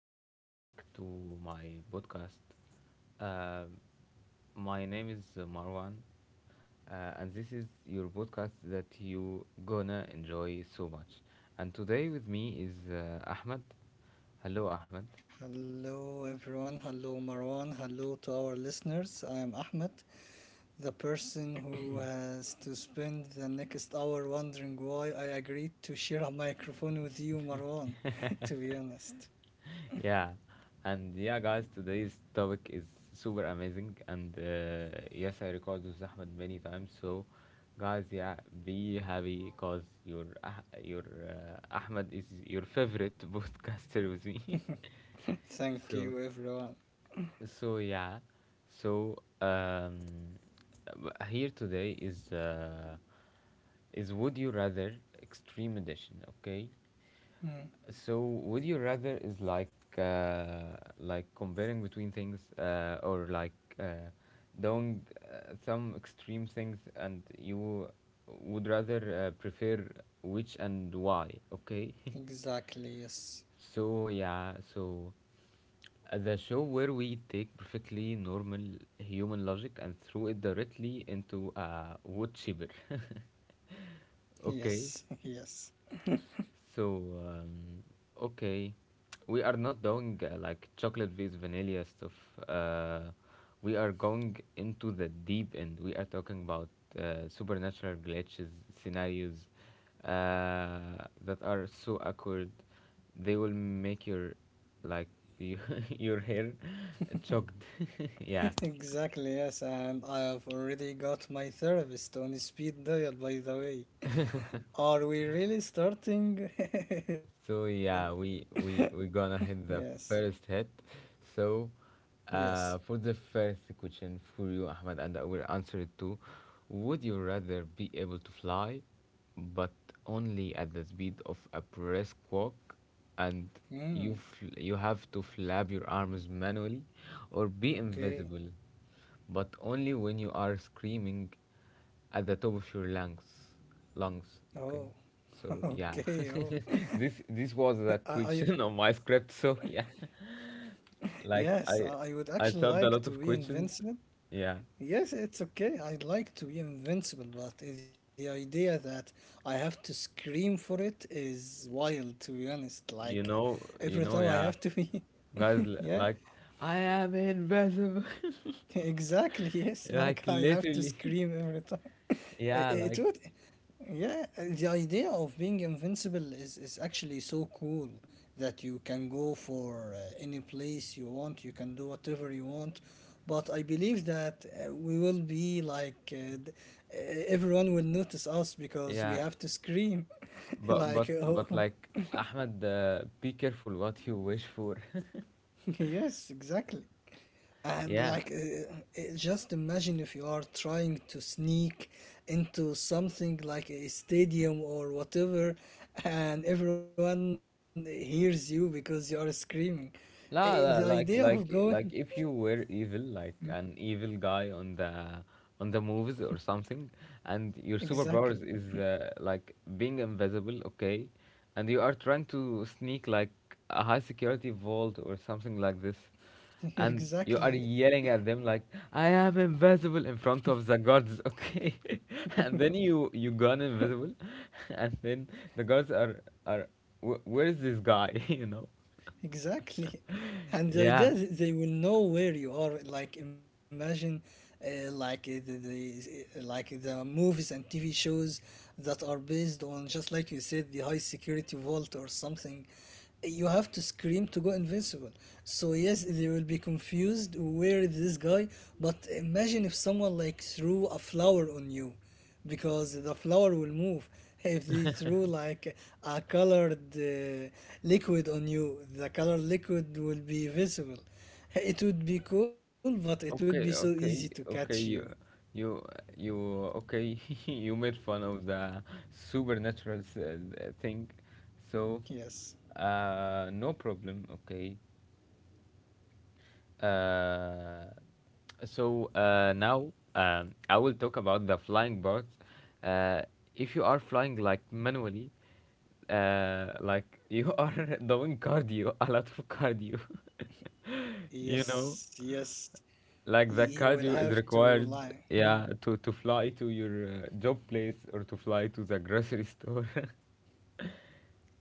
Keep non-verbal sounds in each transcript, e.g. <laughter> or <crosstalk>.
welcome back to my podcast. Uh, my name is Marwan, and this is your podcast that you gonna enjoy so much. And today with me is Ahmed. Hello, Ahmed. Hello, everyone. Hello, Marwan. Hello to our listeners. I am Ahmed, the person who has to spend the next hour wondering why I agreed to share a microphone with you, Marwan. <laughs> To be honest, Yeah, and yeah, guys, today's topic is super amazing, and yes, I recorded with Ahmed many times. So, guys, yeah, be happy cause your Ahmed is your favorite <laughs> podcaster with me. <laughs> thank so, you, everyone. so yeah, so um, Here today is Would You Rather Extreme Edition. Okay, Mm, so would you rather is like comparing between things or like uh, doing some extreme things and you would rather prefer which and why, okay? <laughs> exactly, yes. So yeah, so the show where we take perfectly normal human logic and throw it directly into a wood chipper. <laughs> Yes, <laughs> Okay. yes. So, okay, we are not doing like chocolate with vanilla stuff. Uh, we are going into the deep end. We are talking about supernatural glitches, scenarios that are so awkward. They will make your like you, <laughs> your hair choked. <laughs> Yeah. Exactly, yes. And I have already got my therapist on speed dial, by the way. Are we really starting? So <laughs> yeah, we gonna Yes, hit the first hit. So yes. For the first question for you, Ahmed, and I will answer it too. Would you rather be able to fly, but only at the speed of a brisk walk, and Mm. You have to flap your arms manually, or be Okay. invisible? But only when you are screaming at the top of your lungs. Lungs, okay. Oh, So <laughs> yeah, okay. Oh, <laughs> this <laughs> this I, was I the question on my script. So <laughs> yeah, yes, I like I would I actually I like to typed a be lot of invincible. questions. Yeah, Yes, it's okay. I'd like to be invincible, but the idea that I have to scream for it is wild, to be honest. Like every time I have to yeah, be, guys, <laughs> yeah. like I am invisible, <laughs> Exactly, yes. <laughs> Like like I have to literally. scream <laughs> every time. <laughs> Yeah, It like would, yeah. The idea of being invincible is actually so cool that you can go for any place you want. You can do whatever you want. But I believe that we will be like everyone will notice us because we yeah, have to scream. <laughs> but Like oh, like Ahmed, be careful what you wish for. <laughs> yes, exactly. <laughs> And Yeah, like just imagine if you are trying to sneak into something like a stadium or whatever and everyone hears you because you are screaming. Uh, the idea of going like, if you were evil, like an evil guy on the movies or something, and your superpowers exactly, is like being invisible, okay, and you are trying to sneak like a high security vault or something like this, <laughs> and exactly. you are yelling at them like, "I am invisible" in front of the guards, okay, <laughs> and then you gone invisible, <laughs> and then the guards are, Where is this guy, <laughs> you know? Exactly. <laughs> And the Yeah. idea is they will know where you are. Like imagine, like the like the movies and TV shows that are based on just like you said the high security vault or something. You have to scream to go invincible. So yes, they will be confused. Where is this guy? But imagine if someone like threw a flower on you because the flower will move if they threw like a colored liquid on you, the colored liquid will be visible. It would be cool, but it would be so easy to catch you. Okay. You, you. Okay, <laughs> you made fun of the supernatural thing, so Yes, no problem. Okay. Uh, so now I will talk about the flying part. Uh, if you are flying like manually, like you <laughs> are doing cardio, a lot of cardio, <laughs> you yes, know. yes. You Like the will have cardio is to like required, hmm. yeah, to fly to your job place or to fly to the grocery store. <laughs>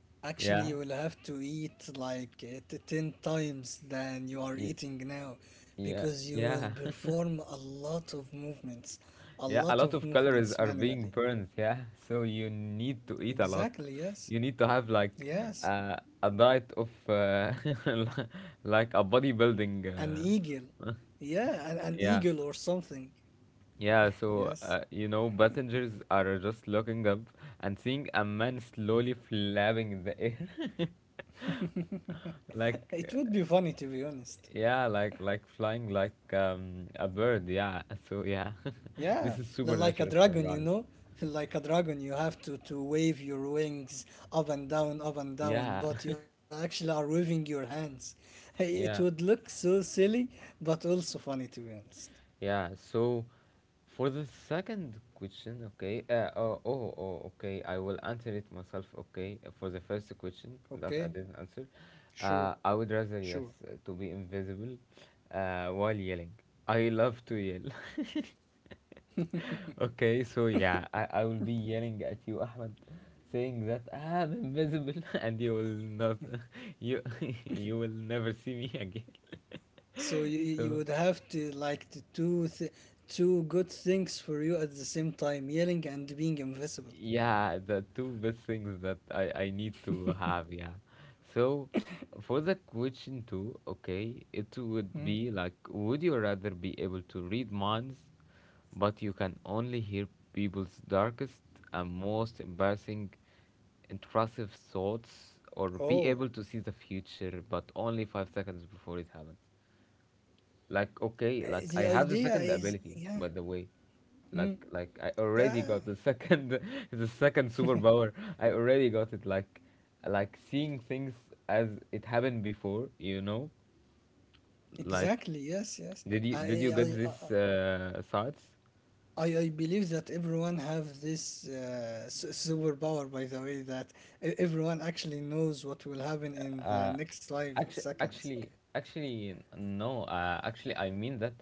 Actually you Yeah, will have to eat like 10 times than you are y- eating now yeah, because you will yeah, perform a lot of movements, <laughs> a yeah. A lot lot of of calories movements are being manually. burned. Yeah, so you need to eat a lot. Exactly, yes. You need to have like Yes. A diet of <laughs> like a bodybuilding. An eagle. Uh, Yeah, an, <laughs> an yeah, eagle or something. yeah. So Yes. You know, passengers are just looking up and seeing a man slowly flapping in the air. <laughs> It Like, would uh, be funny to be honest. yeah, like flying like a bird. Yeah. <laughs> So yeah, <laughs> this Yeah, is like supernatural a stuff, dragon, guys. you know? <laughs> Like a dragon, you have to wave your wings up and Yeah, down, but you actually are waving your hands. <laughs> <laughs> Hey, it yeah, would look so silly, but also funny to be honest. Yeah. So, for the second question, okay. Oh, okay. I will answer it myself. Okay. For the first question Okay? that I didn't answer, Sure, I would sure. rather yes to be invisible, while yelling. I love to yell. <laughs> Okay, so yeah, I will be yelling at you, Ahmed, saying that I'm invisible <laughs> and you will not. <laughs> you <laughs> you will never see me again. So you So would have to like to do two good things for you at the same time, yelling and being invisible. yeah, the two best things that I need to have, yeah. So for the question two, okay, it would Mm. be like, would you rather be able to read minds, but you can only hear people's darkest and most embarrassing, intrusive thoughts, or be able Oh, to see the future, but only 5 seconds before it happens? Uh, Like the okay, like idea I have the is second yeah. ability, by the way. Mm. Like I Ah, already got the second <laughs> the second superpower. I already got it. Like seeing things as it happened before, you know? Like exactly. Yes. Yes. did you did I I you get I, I this thoughts? I believe that everyone have this superpower. By the way, that everyone actually knows what will happen in the next five seconds. Actually, no. Actually, I mean that,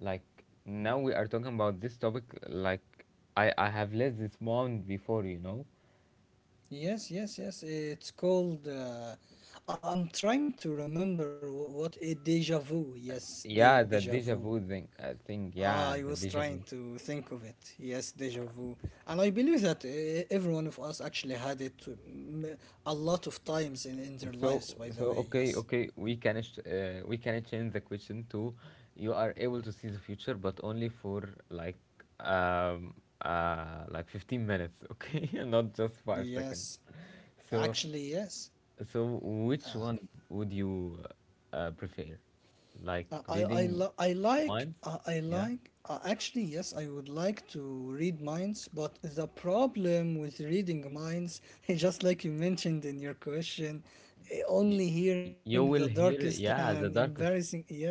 like, now we are talking about this topic. Like, I have led this moment before, you know. Yes, yes, yes. It's called. I'm trying to remember what a deja vu. Yes, Yeah, deja the vu. deja vu thing. Ah, I Yeah, was the deja trying vu. to think of it. Yes, deja vu. And I believe that every one of us actually had it mm, a lot of times in their So, lives, by the way. Yes. okay. We can change the question to, you are able to see the future, but only for like um like 15 minutes. Okay, <laughs> not just five Yes. seconds. So, Actually, yes. so which one would you prefer? Like I I I, reading li- I like minds? I I Yeah. like actually yes I would like to read minds, but the problem with reading minds <laughs> just like you mentioned in your question, Y- only hearing the you will darkest hear. and Yeah, the embarrassing, darkest. yes.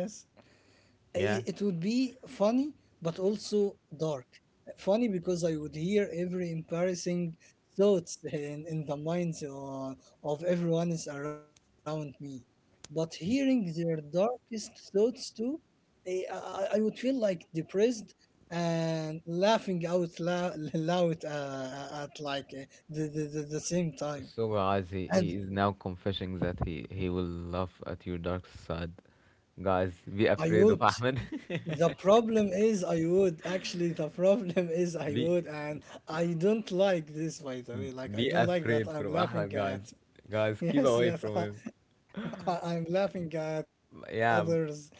It Yeah. would be funny, but also dark. Funny because I would hear every embarrassing thoughts in the minds of everyone is around me, but hearing their darkest thoughts too. Eh, i, I I would feel like depressed and laughing out loud, <laughs> loud at like the same time. So guys, he And is now confessing that he will laugh at your dark side. Guys, be I afraid of would. Ahmed. The problem is I would. Actually, the problem <laughs> is <laughs> I be would, and I don't like this, by the way. Like, be I don't like afraid that from I'm Ahmed, laughing guys. at. <laughs> Guys, keep Yes, away yes, from him. Am laughing at Yeah, others'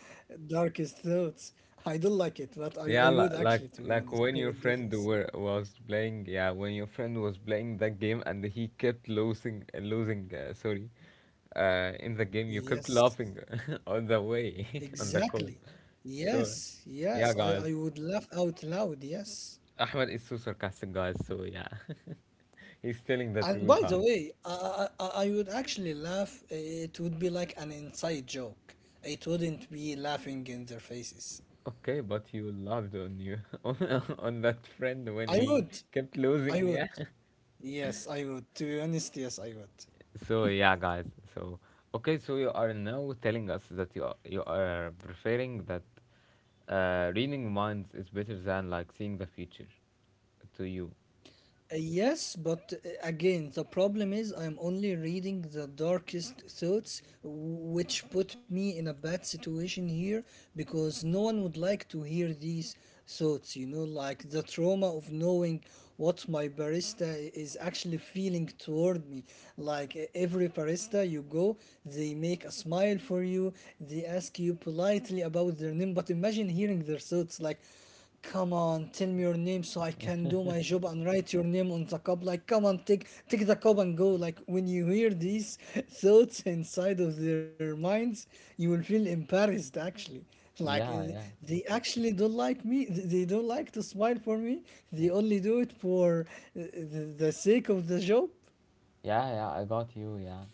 darkest thoughts. I don't like it, but I would actually, to be like honest, I like would when do your this. friend was playing. Yeah, when your friend was playing that game and he kept losing, in the game you kept Yes, laughing <laughs> on the way <laughs> on the call. exactly. So, Yes, yes, yeah, I guys. would laugh out loud. Yes. Ahmed is so sarcastic, guys. So yeah, <laughs> he's telling the And truth, by the guys. way, I would actually laugh. It would be like an inside joke. It wouldn't be laughing in their faces. Okay, but you loved on you <laughs> on that friend when I he would. kept I losing. would. Yeah. <laughs> Yes, I would. To be honest, yes, I would. So yeah, guys. So okay, so you are now telling us that you are preferring that reading minds is better than like seeing the future to you. Yes, but again, the problem is I am only reading the darkest thoughts, which put me in a bad situation here because no one would like to hear these thoughts, you know, like the trauma of knowing what my barista is actually feeling toward me. Like every barista you go, they make a smile for you, they ask you politely about their name, but imagine hearing their thoughts like, come on, tell me your name so I can do my job and write your name on the cup. Like, come on, take the cup and go. Like, when you hear these <laughs> thoughts inside of their minds, you will feel embarrassed. Actually, like Yeah, yeah, they actually don't like me. They don't like to smile for me. They Y- only do it for eh, eh, the sake of the job. Yeah. I got you. Yeah,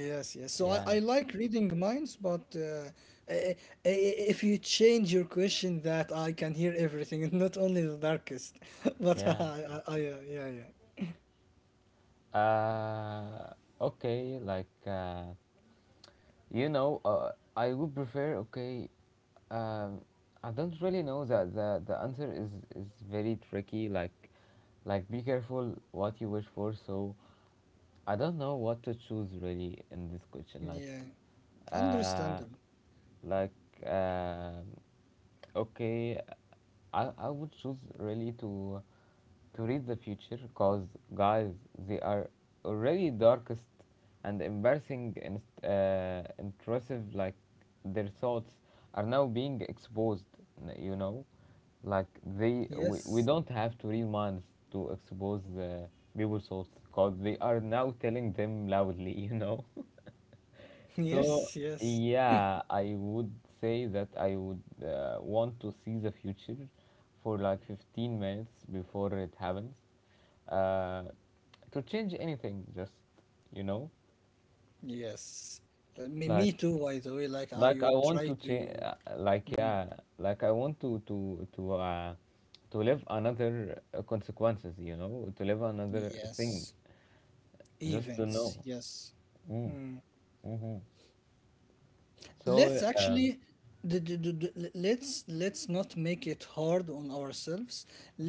Yes, yes. So yeah, I like reading minds, but i- i- if you change your question, that I can hear everything, <laughs> not only the darkest. <laughs> But yeah. Uh, okay. Like, you know, I would prefer. Okay, um, I don't really know that the answer is very tricky. Like be careful what you wish for. So, I don't know what to choose really in this question. Yeah. uh, Understandable. like, um okay, I would choose really to read the future because guys they are already darkest and embarrassing and intrusive, like their thoughts are now being exposed, you know, like they Yes, we don't have to read minds to expose the people's thoughts because they are now telling them loudly, you know. <laughs> <laughs> yes, So, yes, yeah, I would say that I would want to see the future for like 15 minutes before it happens. Uh, to change anything, just, you know, yes. Like Me too. By the way, like I like I would want try to change, to. like Mm, yeah, like I want to to live another consequences, you know, to live another thing, yes, just to events. know. Yes. Mm, hmm Let's So, actually let's not make it hard on ourselves.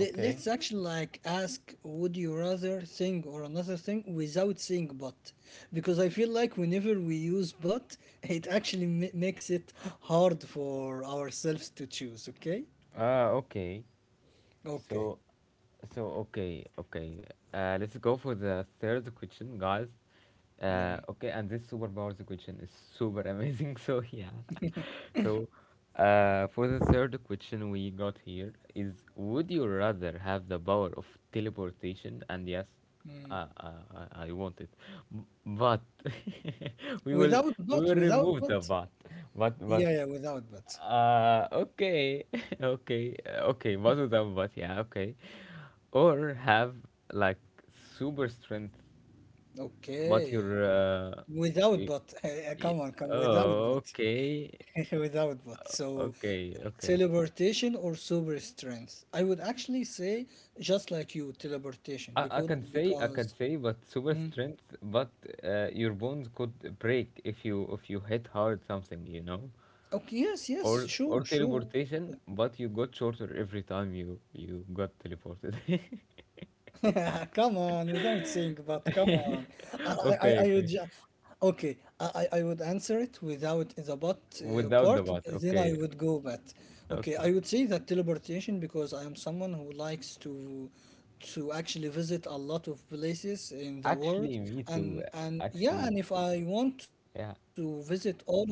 Let's actually like ask would you rather thing or another thing without saying but, because I feel like whenever we use but, it actually makes it hard for ourselves to choose. Okay, Ah, okay. okay, So, okay. Let's go for the third question, guys. Yeah, Okay, and this superpowers question is super amazing. <laughs> So yeah. <laughs> So, for the third question we got here is, would you rather have the power of teleportation? And yes, I want it, but <laughs> we will without we but, will without remove but. the but Yeah, but. yeah, without but. Okay, <laughs> okay, okay, both of them, but yeah, okay. Or have like super strength, but Okay, without y- but. <laughs> y- Come on, come without oh, but. okay, <laughs> Without bots. Uh, So okay, okay. teleportation or super strength? I would actually say just like you, teleportation, because, I can because. say, but super Mm. strength, but your bones could break if you hit hard something, you know, Okay, yes, yes, or sure, sure. teleportation, but you got shorter every time you got teleported. <laughs> <laughs> Come on, without saying, but come on, <laughs> I I I I Okay, would okay. ju- okay, I would answer it without the but Without the part, but, then I okay, would go back. Okay, okay. I would say that teleportation because I am someone who likes to actually visit a lot of places in the Actually, world. me too. And Yeah, and if I want to Yeah, visit all of them,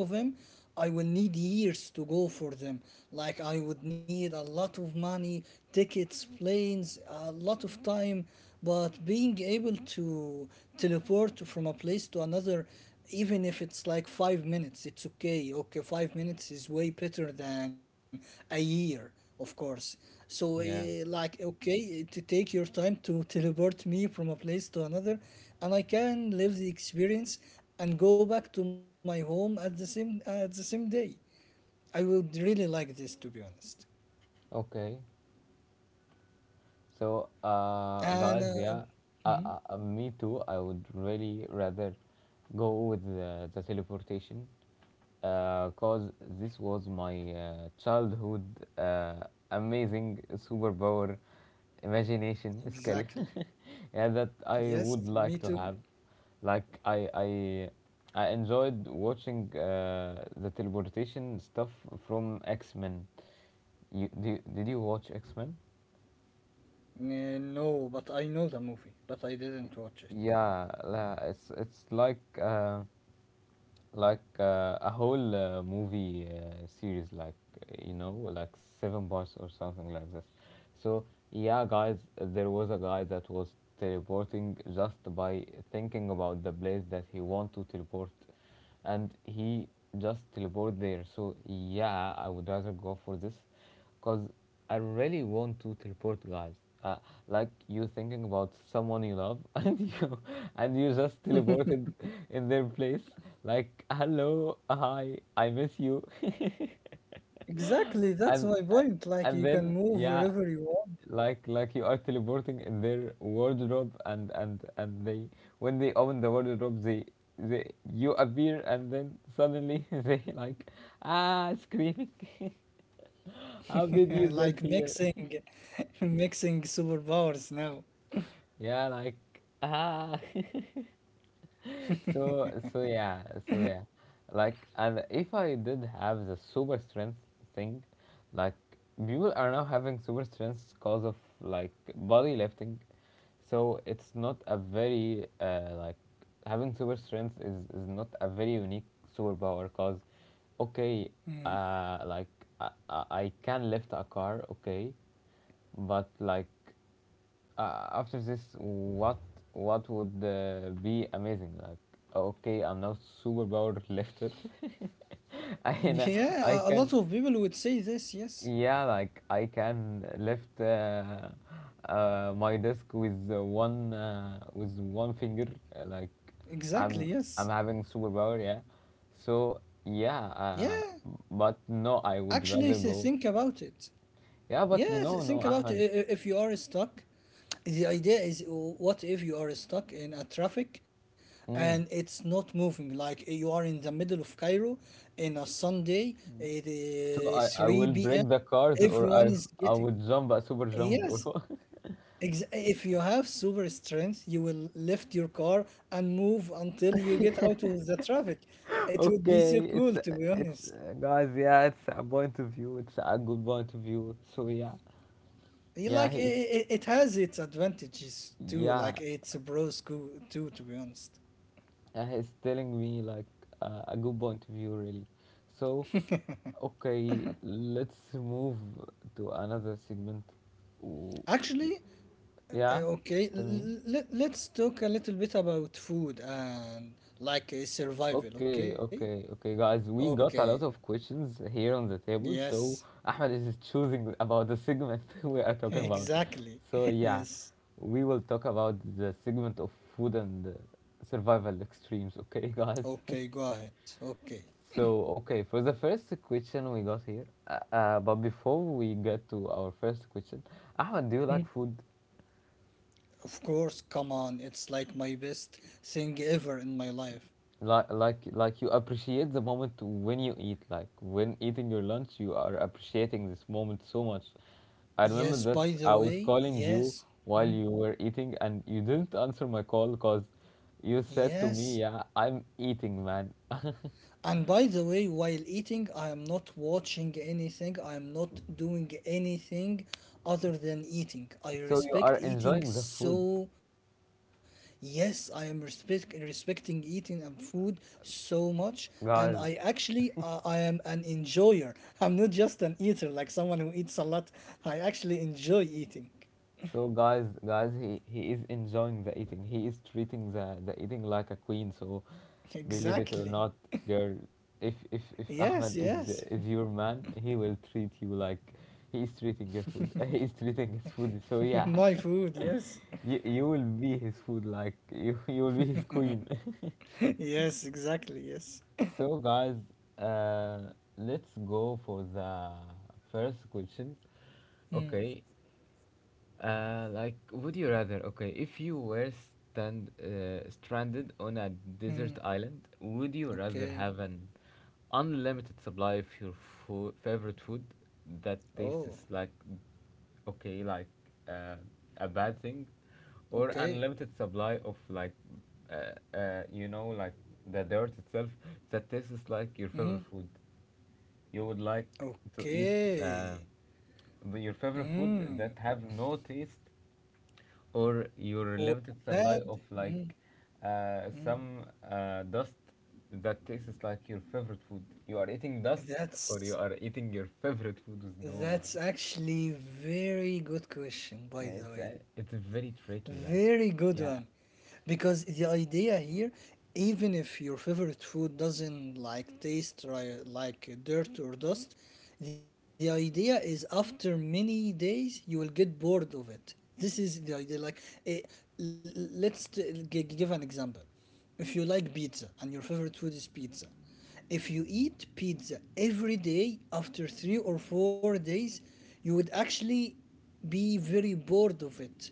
I will need years to go for them. Like I would need a lot of money, tickets, planes, a lot of time. But being able to teleport from a place to another, even if it's like 5 minutes, it's okay. Okay, 5 minutes is way better than a year, of course. So, yeah. Like, okay, to take your time to teleport me from a place to another, and I can live the experience and go back to my home at the same, at the same day. I would really like this, to be honest. Okay. So, And guys, yeah, me too. I would really rather go with the teleportation because this was my childhood uh, amazing superpower, imagination skill. exactly, <laughs> Yeah, that I yes, would like me to have. too. Like I enjoyed watching the teleportation stuff from X Men. Did you watch X Men? Eh, no, but I know the movie, but I didn't watch it. Yeah, it's like a whole movie series, like you know, like seven parts or something like this. So yeah, guys, there was a guy that was teleporting just by thinking about the place that he want to teleport, and he just teleport there. So yeah, I would rather go for this. Because I really want to teleport, guys. Uh, like you thinking about someone you love, <laughs> and you just teleported in their place. Like, hello, hi, I miss you. <laughs> Exactly, that's And my point. Like you can then move yeah, wherever you want. Like you are teleporting in their wardrobe, and they when they open the wardrobe, they you appear, and then suddenly <laughs> they like ah screaming. <laughs> How did you <laughs> get Like here? mixing <laughs> <laughs> mixing superpowers now. Yeah, like ah. <laughs> so so yeah, so yeah, and if I did have the super strength thing, like people are now having super strength because of like body lifting, so it's not a very like having super strength is not a very unique superpower because okay. Mm. Like I can lift a car, okay, but like after this, what would be amazing. Like okay, I'm now superpower lifter. <laughs> I can I Yeah, a lot can, of people would say this, yes. yeah, like I can lift my desk with one with one finger, like i'm Exactly, i'm having yes. superpower, yeah. So yeah, Yeah. but no, I would Actually, rather go. think about it. Yeah, but Yes, no think about Ahmed. If you are stuck. The idea is what if you are stuck in a traffic and mm, it's not moving? Like you are in the middle of Cairo in a Sunday, it So I, is I will 3 p.m. break the cars, or Everyone is I getting. would jump a super jump, or Yes, what? <laughs> If you have super strength, you will lift your car and move until you get out of the traffic. It would be Okay, so it's cool, to be it's honest. guys, yeah, it's a point of view. It's a good point of view. So yeah, Yeah, yeah, like he's it has its advantages too. yeah, Like it's a bro school too, to be honest. he's telling me like a good point of view, really. So okay, let's move to another segment. W- Actually, Yeah, okay, tell me. l- l- let's talk a little bit about food and like survival. Okay, Okay, okay, okay, guys. We okay, got a lot of questions here on the table, so yes, Ahmed is choosing about the segment <laughs> we are <laughs> talking about. exactly, So <laughs> yeah, yes. we will talk about the segment of food and survival extremes. Okay, guys. <laughs> Okay, go ahead. Okay. So okay, for the first question we got here, but before we get to our first question, Ahmed, do you Mm. like food? Of course. Come on, it's like my best thing ever in my life. Like you appreciate the moment when you eat. Like when eating your lunch, you are appreciating this moment so much. I remember Yes. that By I the was way, calling you yes, while hmm, you were eating and you didn't answer my call because you said to me, yes. yeah, I'm eating, man. <laughs> And by the way, while eating, I am not watching anything, I am not doing anything other than eating. I So you are respect eating enjoying the food, so. Yes, I am respect, respecting eating and food so much, and I guys. actually I am an enjoyer. I'm not just an eater like someone who eats a lot. I actually enjoy eating. So guys, guys, he is enjoying the eating. He is treating the eating like a queen. So <laughs> believe it or not, Exactly. girl, if Yes, Ahmed is yes. is your man, he will treat you like he is treating your food. <laughs> He is treating his food. So <laughs> yeah. My <laughs> food, yes. You will be his food, like <laughs> you will be his queen. <laughs> Yes, exactly, yes. <laughs> So, guys, let's go for the first question. Mm, Okay. Like, would you rather? Okay, if you were stand stranded on a desert mm. island, would you rather Okay. have an unlimited supply of your favorite food that Oh, tastes like okay, like uh, a bad thing, or okay. unlimited supply of like you know, like the dirt itself that tastes Mm. like your favorite food? You would like to eat Okay. uh, your favorite Mm. food that have no taste, or your All limited that. supply of Mm. like Mm. some dust that tastes like your favorite food. You are eating dust, or you That's are eating your favorite food with no. That's actually very good question, by the way. It's very tricky. Like, Very good yeah, one. Because the idea here, even if your favorite food doesn't like taste dirt or dust, the idea is after many days you will get bored of it. This is the idea. Like, eh, let's give an example. If you like pizza and your favorite food is pizza, if you eat pizza every day after 3 or 4 days, you would actually be very bored of it.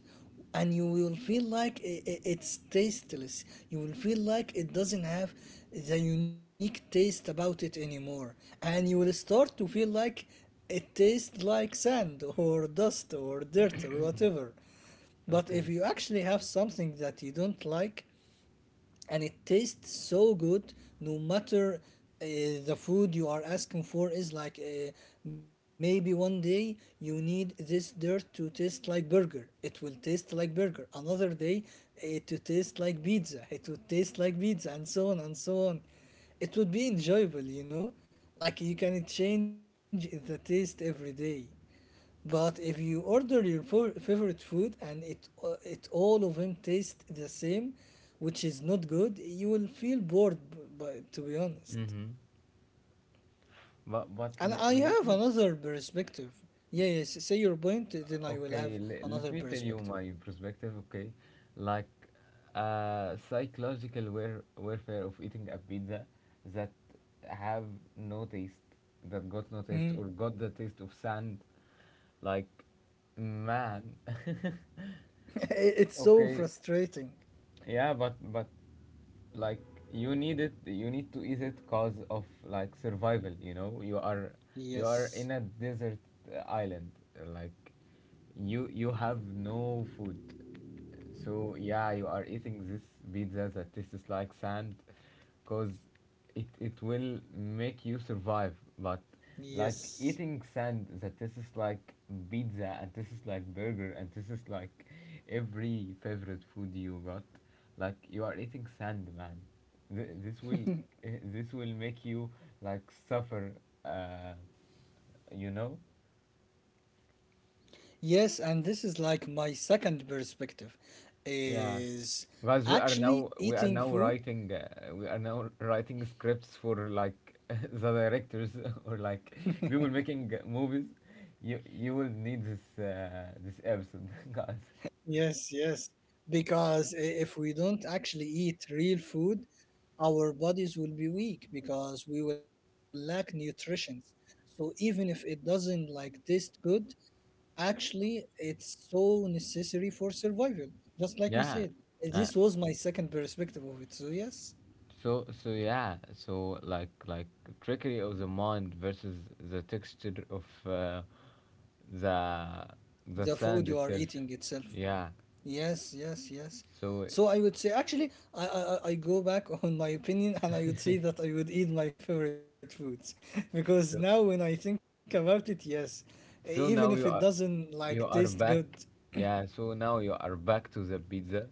And you will feel like it's tasteless. You will feel like it doesn't have the unique taste about it anymore. And you will start to feel like it tastes like sand or dust or dirt or whatever. But if okay. you actually have something that you don't like, and it tastes so good no matter uh, the food you are asking for is like maybe one day you need this dirt to taste like burger, it will taste like burger. Another day, it to taste like pizza, it would taste like pizza, and so on and so on. It would be enjoyable, you know, like you can change the taste every day. But if you order your favorite food and it all of them taste the same, which is not good, you will feel bored. But to be honest, Mm-hmm. But and I let have me. another perspective. Yeah, yes. Say your point, then I will Okay, have let another me tell you perspective. my perspective, okay? Like psychological warfare of eating a pizza that have no taste, that got no taste or Hmm. got the taste of sand. Like man. <laughs> It's <laughs> so Okay, frustrating. yeah, but like you need it, you need to eat it cause of like survival, you know? You are in Yes. a desert island. Like you have no food. So yeah, you are eating this pizza that tastes like sand, cause it will make you survive. But like Yes. eating sand that tastes like pizza and tastes like burger and tastes like every favorite food you got, like you are eating sand, man. This will this will make you like suffer. Uh, you know? Yes, and this is like my second perspective Yeah. is Guys, we actually are now eating we are food. now writing we are now writing scripts for like <laughs> the directors, <laughs> or like we will making movies. You will need this this episode, <laughs> guys. Yes, yes. Because if we don't actually eat real food, our bodies will be weak because we will lack nutrition. So even if it doesn't like taste good, actually it's so necessary for survival. Just like you Yeah. said. Uh, This was my second perspective of it. So yes, so So like trickery of the mind versus the texture of the the the food you are sand eating itself. itself. Yeah. Yes, yes, yes. So, So I would say actually I go back <laughs> on my opinion and I would say that I would eat my favorite foods <laughs> because now when I think about it, yes, even if it so now you doesn't are like taste you good, are back. Yeah, so now you are back to the pizza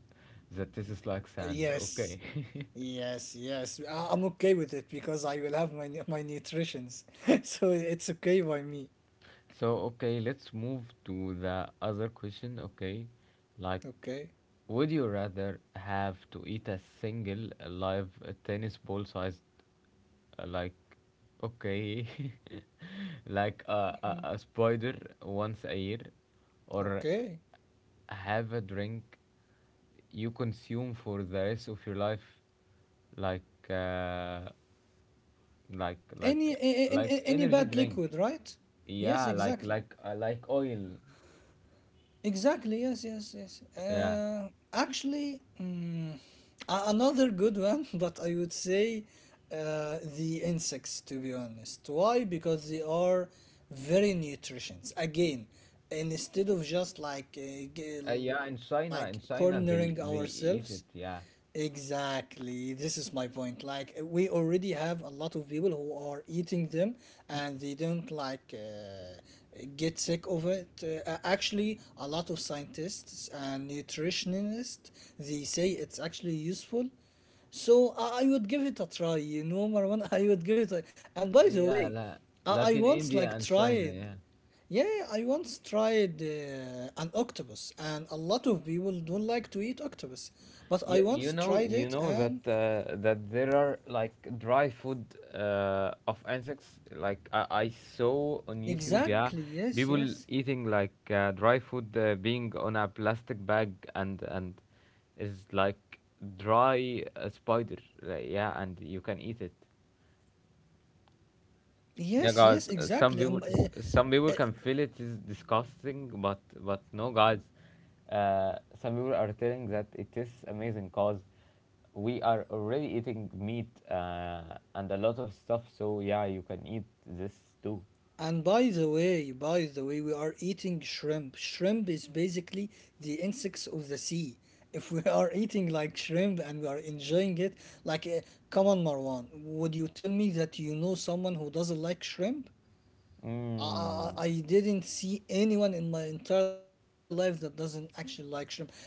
that tastes like sand. yes. Okay. <laughs> Yes, yes. I'm okay with it because I will have my nutritions. <laughs> So it's okay by me. So, okay, let's move to the other question. Okay, like, Okay. would you rather have to eat a single live tennis ball sized, like, okay, <laughs> like a spider once a year, or Okay. have a drink you consume for the rest of your life, like, like like Any like a- any energy bad drink, liquid, right? Yes, yeah, exactly. Like oil, Exactly. Yes. Yes. Yes. yeah. Actually, a- another good one, <laughs> but I would say the insects. To be honest, why? Because they are very nutritious. Again, and instead of just like Yeah, in like china in china cornering they eat it, ourselves, yeah. exactly. This is my point. Like we already have a lot of people who are eating them and they don't like get sick of it. Actually, a lot of scientists and nutritionists, they say it's actually useful. So I would give it a try, you know, Marwan. <laughs> I would give it a... And by the Yeah, way, I, like I in once India like and China, tried, yeah. yeah, I once tried an octopus, and a lot of people don't like to eat octopus. But I You once know, tried you it, know and that that there are like dry food of insects, like, I saw on exactly, YouTube, yes, yeah, yes, people eating like dry food being on a plastic bag, and is like dry spider, like, yeah, and you can eat it. yes, yes, Yeah, guys. exactly. Some people, some people can feel it is disgusting, but no, guys. Some people are telling that it tastes amazing because we are already eating meat and a lot of stuff. So yeah, you can eat this too. And by the way, we are eating shrimp. Shrimp is basically the insects of the sea. If we <laughs> are eating like shrimp and we are enjoying it, like, come on, Marwan, would you tell me that you know someone who doesn't like shrimp? I, Mm. I I didn't see anyone in my entire life that doesn't actually like shrimp. I- I-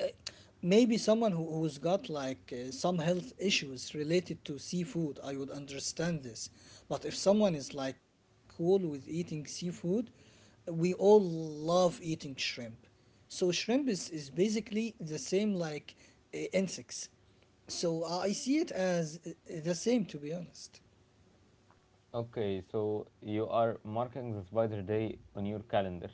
Maybe someone who's got like some health issues related to seafood, I would understand this. But if someone is like cool with eating seafood, we all love eating shrimp. So shrimp is basically the same like insects. So I see it as the same, to be honest. Okay, so you are marking the spider day on your calendar.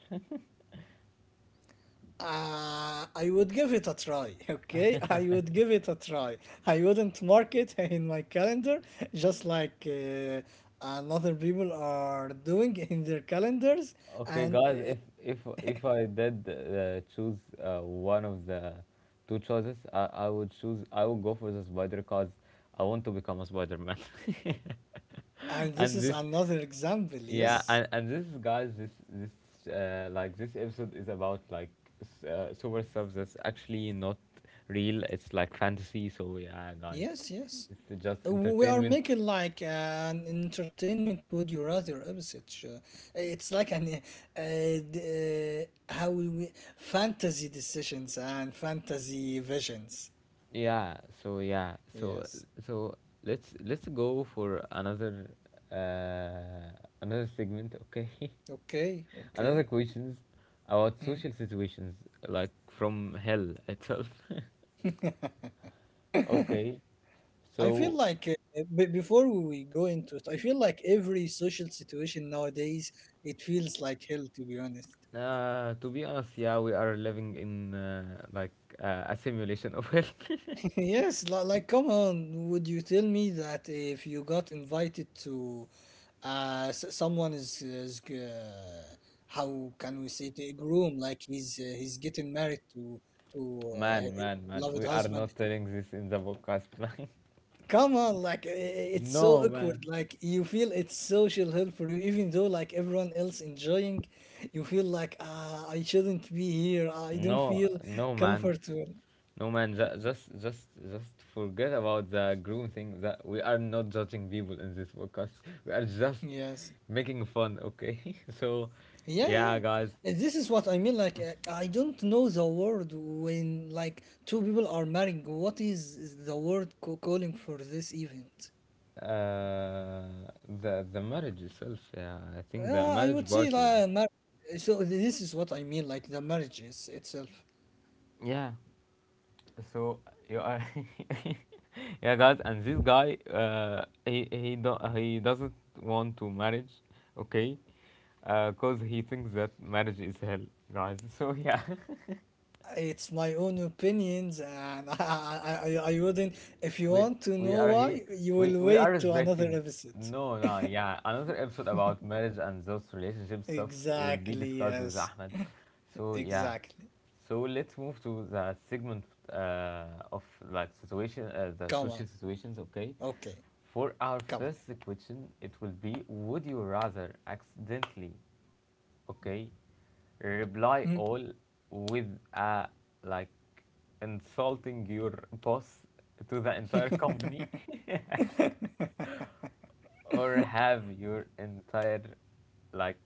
I would give it a try, okay? <laughs> I would give it a try. I wouldn't mark it <laughs> in my calendar just like another people are doing <laughs> in their calendars. Okay, And, guys, uh, if I did choose one of the two choices, I would choose, I would go for the spider because I want to become a Spider-Man. and <laughs> this And is this, another example, yeah, yes? And this is, guys, this like this episode is about like super stuff that's actually not real. It's like fantasy. So yeah, guys, Yes, yes. it's just We are entertainment. making like an entertainment would you rather episode. It's like an uh, d- how we fantasy decisions and fantasy visions. Yeah, so yeah, so Yes. so let's go for another uh another segment, okay? <laughs> Okay, okay. Another questions about Mm. social situations like from hell itself. <laughs> Okay. I feel So like b before we go into it, I feel like every social situation nowadays it feels like hell to be honest. To be honest, yeah, we are living in like a simulation of hell. <laughs> <laughs> Yes, like come on, would you tell me that if you got invited to someone is how can we say it, a groom, like he's getting married to Man, his man, man, beloved we are husband. not telling this in the podcast, <laughs> man. Come on, like it's so No, man. awkward. Like you feel it's social help for you, even though like everyone else enjoying, you feel like, ah, I shouldn't be here. Ah, I don't No, feel no, man. comfortable. No man, just forget about the groom thing. That we are not judging people in this podcast. <laughs> We are just Yes, making fun. Okay, <laughs> so yeah, yeah. yeah, guys, this is what I mean. Like I don't know the word when like two people are marrying. What is the word calling for this event? uh, the marriage itself. Yeah, I think the I marriage would say party. Yeah. like so this is what I mean. Like the marriage is itself. Yeah. So you are. <laughs> Yeah, guys, and this guy, he doesn't want to marriage, okay? Cause he thinks that marriage is hell, guys. <laughs> So yeah. It's my own opinions and <laughs> I wouldn't. If you we want to we know are here, why, you we will we are wait to another respecting. episode. No, yeah, another episode about marriage and those relationship stuff will be Exactly, discussed with yes. Ahmed. So yeah. Exactly. So let's move to the segment of like Come on. situation the social situations, Okay. okay? For Come on. our first question, it will be: would you rather accidentally okay Mhm. reply all with a like insulting your boss to the entire company, <laughs> <laughs> or have your entire like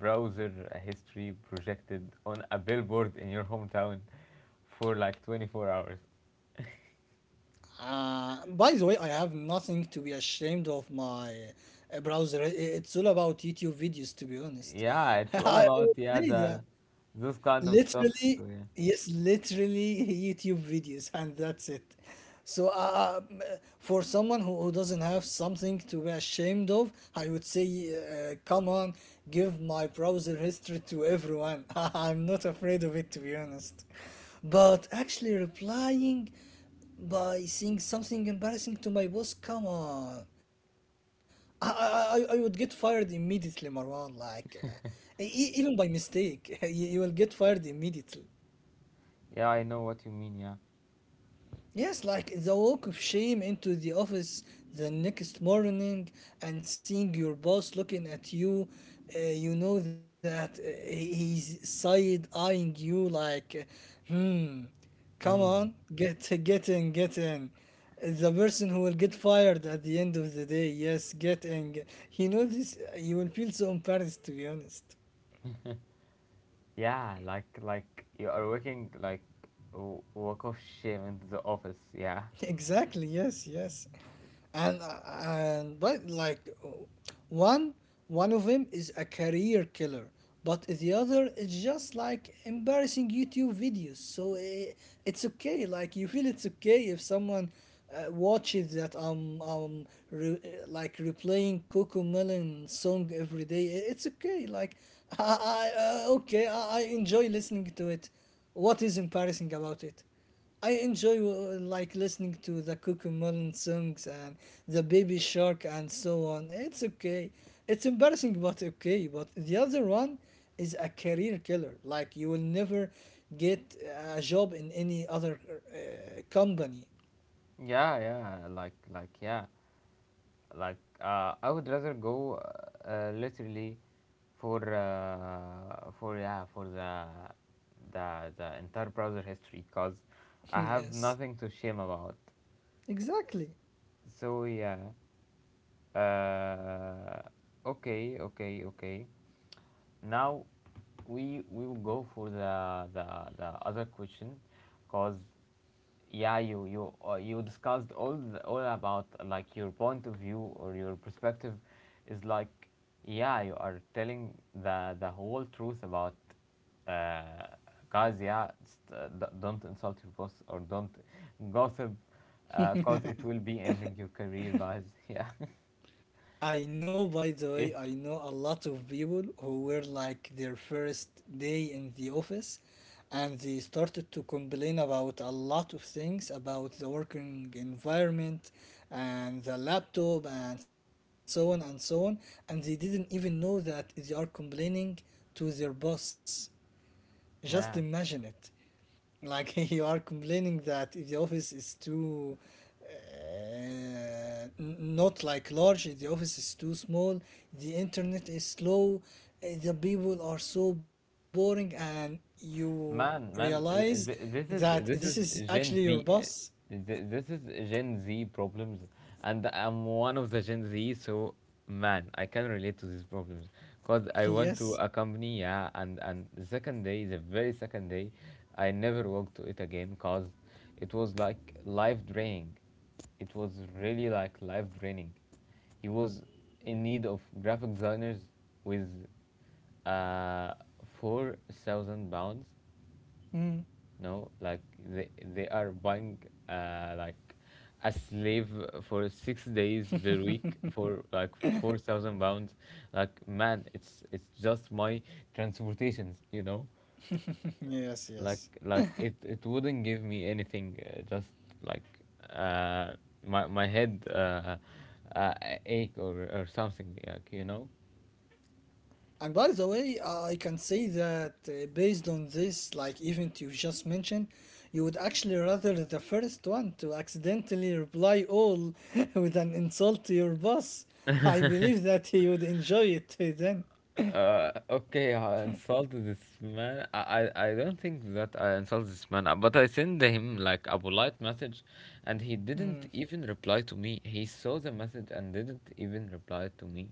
browser history projected on a billboard in your hometown for like 24 hours? By the way, I have nothing to be ashamed of my browser. It's all about YouTube videos, to be honest. Yeah, <laughs> it's all I about, would yeah, say that the those kind of stuff. So literally, yeah. yes, literally YouTube videos <laughs> and that's it. So for someone who doesn't have something to be ashamed of, I would say, come on, give my browser history to everyone. <laughs> I'm not afraid of it, to be honest. But actually replying by saying something embarrassing to my boss, come on, I would get fired immediately, Marwan. Like even by mistake, <laughs> you will get fired immediately. Yeah, I know what you mean, yeah. Yes, like the walk of shame into the office the next morning and seeing your boss looking at you, you know that he's side eyeing you like, hmm, come Mm. on, get in, get in. The person who will get fired at the end of the day, yes, get in. He knows this. You will feel so embarrassed, to be honest. Yeah, like you are working like walk of shame into the office, yeah. Exactly. Yes. Yes. And but like one one of them is a career killer, but the other is just like embarrassing YouTube videos. So it's okay. Like you feel it's okay if someone watches that like replaying Coco Melon song every day. It's okay. Like I, I okay. I enjoy listening to it. What is embarrassing about it? I enjoy like listening to the Cocomelon songs and the Baby Shark and so on. It's okay. It's embarrassing but okay. But the other one is a career killer. Like you will never get a job in any other company. Yeah, yeah, like, yeah, like, I would rather go literally for, yeah, for the entire browser history because <laughs> I have Yes, nothing to shame about. exactly. So, yeah, uh, okay, okay, okay. Now we will go for the other question, cause yeah you you discussed all the, all about like your point of view or your perspective is like yeah you are telling the whole truth about uh, guys yeah, just, don't insult your boss or don't gossip cause <laughs> it will be ending your career, guys. <laughs> Yeah. I know, by the way, If I know a lot of people who were like their first day in the office and they started to complain about a lot of things about the working environment and the laptop and so on and so on. And they didn't even know that they are complaining to their boss. Just imagine yeah. it. Like <laughs> you are complaining that if the office is too uh, n- not like large, if the office is too small, the internet is slow, the people are so boring, and you Man, man, realize that this this is is actually your Gen V, boss. This is Gen Z problems, and I'm one of the Gen Z, so man, I can relate to these problems, cause <laughs> I went to Yes. a company, yeah, and the second day, the very second day, I never walked to it again, cause it was like life draining, it was really like life draining. He was in need of graphic designers with uh, £4,000. Mm. No, like they are buying like a slave for 6 days per week for like £4,000. Like man, it's just my transportations, you know. <laughs> Yes, yes. Like it it wouldn't give me anything. Just like uh my my head uh ache or something, like, you know. And by the way, I can say that based on this, like event you just mentioned, you would actually rather the first one to accidentally reply all <laughs> with an insult to your boss. I believe that he would enjoy it then. Okay, I insulted this man. I don't think that I insulted this man, but I sent him like a polite message, and he didn't even reply to me. He saw the message and didn't even reply to me.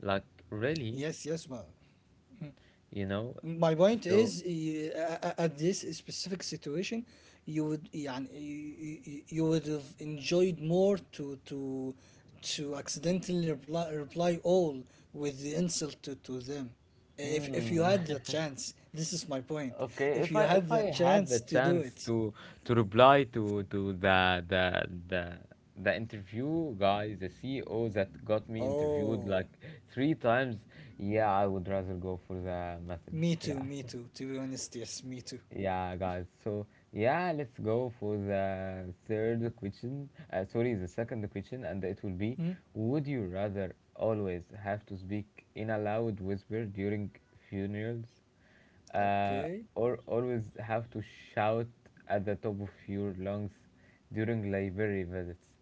Like, Yes, yes, really, ma. you know? My point is So, at this specific situation, you would يعني, you would have enjoyed more to accidentally reply all with the insult to them, if you mm, had the chance. This is my point. Okay, If if you I had if I the had the chance to do chance it. to reply to the interview guy, the CEO that got me interviewed Oh, like three times, yeah, I would rather go for the message. me too, Yeah. me too, to be honest. Yes, me too. Yeah, guys. So yeah, let's go for the third question. Sorry, the second question, and it will be: Hmm? would you rather always have to speak in a loud whisper during funerals, uh, Okay. or always have to shout at the top of your lungs during library visits?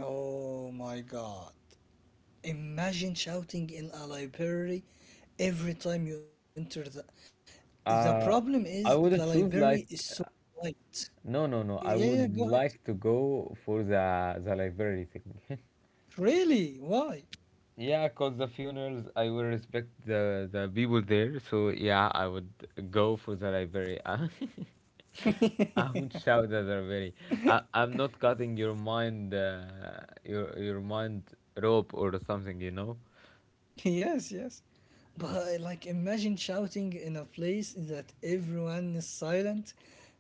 Oh my god. Imagine shouting in a library every time you enter the. The problem Uh, is the I would library choose is so like uh, white. no, no, Yeah, no. I yeah, go would ahead. like to go for the library thing. <laughs> Really? Why? Yeah, cause the funerals, I will respect the people there. So yeah, I would go for the library. <laughs> I would <laughs> shout at the library. I'm not cutting your mind, your mind rope or something, you know. Yes, yes. But like imagine shouting in a place that everyone is silent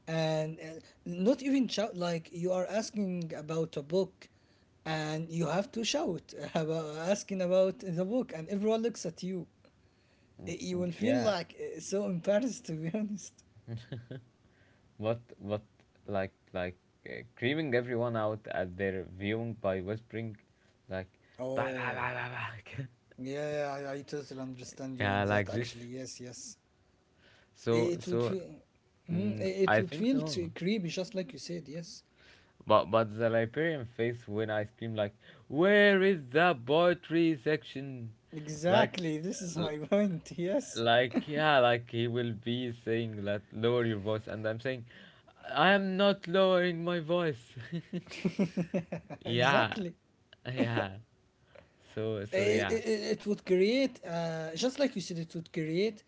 and not even shout, like you are asking about a book and you have to shout about asking about the book and everyone looks at you. You will feel Yeah, like so embarrassed to be <laughs> honest. But like creaming everyone out at their viewing by whispering, like, bah, bah, bah, Oh, bah, bah. yeah, I totally understand <laughs> you on Yeah, that, like this. actually. Yes, yes, So it would so, feel. Mhm, mm, it I would think feel no. Creepy, just like you said, yes. But the librarian face when I scream like, "Where is the poetry section?" Like, Exactly, this is l- my point, yes. like yeah, like he will be saying that lower your voice, and I'm saying, I am not lowering my voice. <laughs> <laughs> Yeah, Exactly. yeah. So it, yeah. it, it would create just like you said, it would create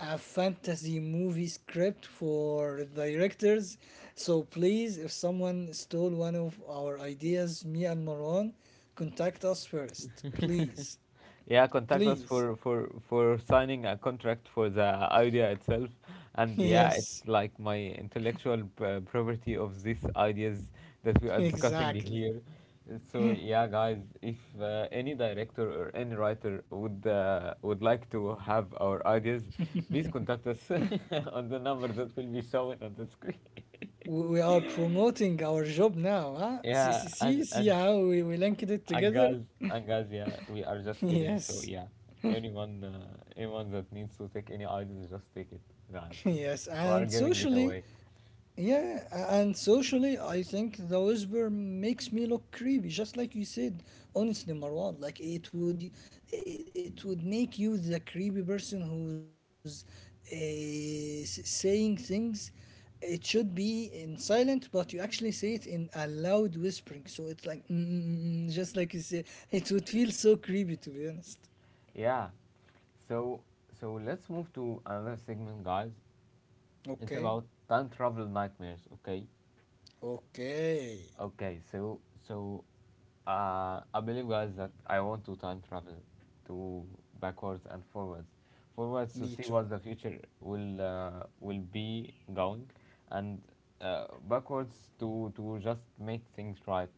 a fantasy movie script for directors. So please, if someone stole one of our ideas, me and Maron, contact us first, please, Yeah, contact us please. for for signing a contract for the idea itself, <laughs> and yeah, Yes, it's like my intellectual property of these ideas that we are discussing exactly. here. So yeah, guys, if any director or any writer would like to have our ideas, please contact us <laughs> on the number that will be shown on the screen. <laughs> We are promoting our job now, huh? See, see, Yeah, see, and see and how we linked it And together. guys, yeah, we are <laughs> just kidding. So Yes. yeah, anyone, anyone that needs to take any items, just take it, guys. <laughs> Yes, We are and giving it socially. away. Yeah, and socially, I think the whisper makes me look creepy, just like you said. Honestly, Marwan, like it would, it would make you the creepy person who's saying things. It should be in silent, but you actually say it in a loud whispering. So it's like, mm, mm, mm, mm, just like you said, it would feel so creepy, to be honest. Yeah. So so let's move to another segment, guys. It's Okay, about time travel nightmares. Okay. okay, Okay, so I believe guys that I want to time travel to backwards and forwards, forwards to me see too. what the future will be going, and backwards to just make things right.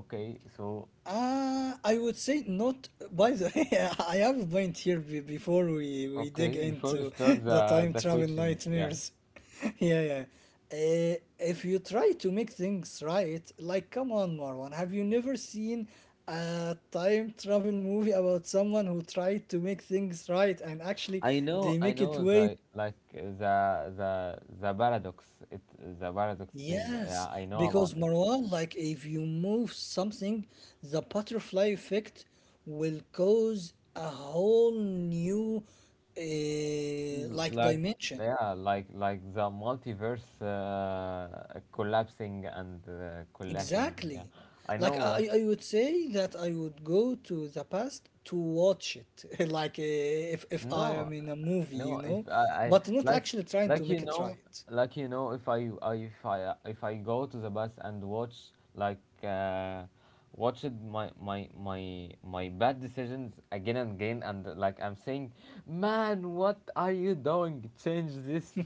Okay, so I would say not. By the <laughs> way, I have a point here be before we dig okay before we into start <laughs> the the time the travel questions, yeah. nightmares. <laughs> Yeah, yeah. If you try to make things right, like, come on, Marwan, have you never seen a time travel movie about someone who tried to make things right and actually they I make it know way. the like the the paradox, it the paradox thing. Yeah, Yes, I know about because, it. Marwan, like if you move something, the butterfly effect will cause a whole new like Like dimension. yeah like the multiverse collapsing and collashing yeah Exactly. I Like know what I would say that I would go to the past to watch it, <laughs> like if I No, am in a movie, you no. If know, I, I but not like, actually trying to like you make it know, right. like you know, if I, I if I if I go to the bus and watch like watched my bad decisions again and again, and like I'm saying, man, what are you doing? Change this.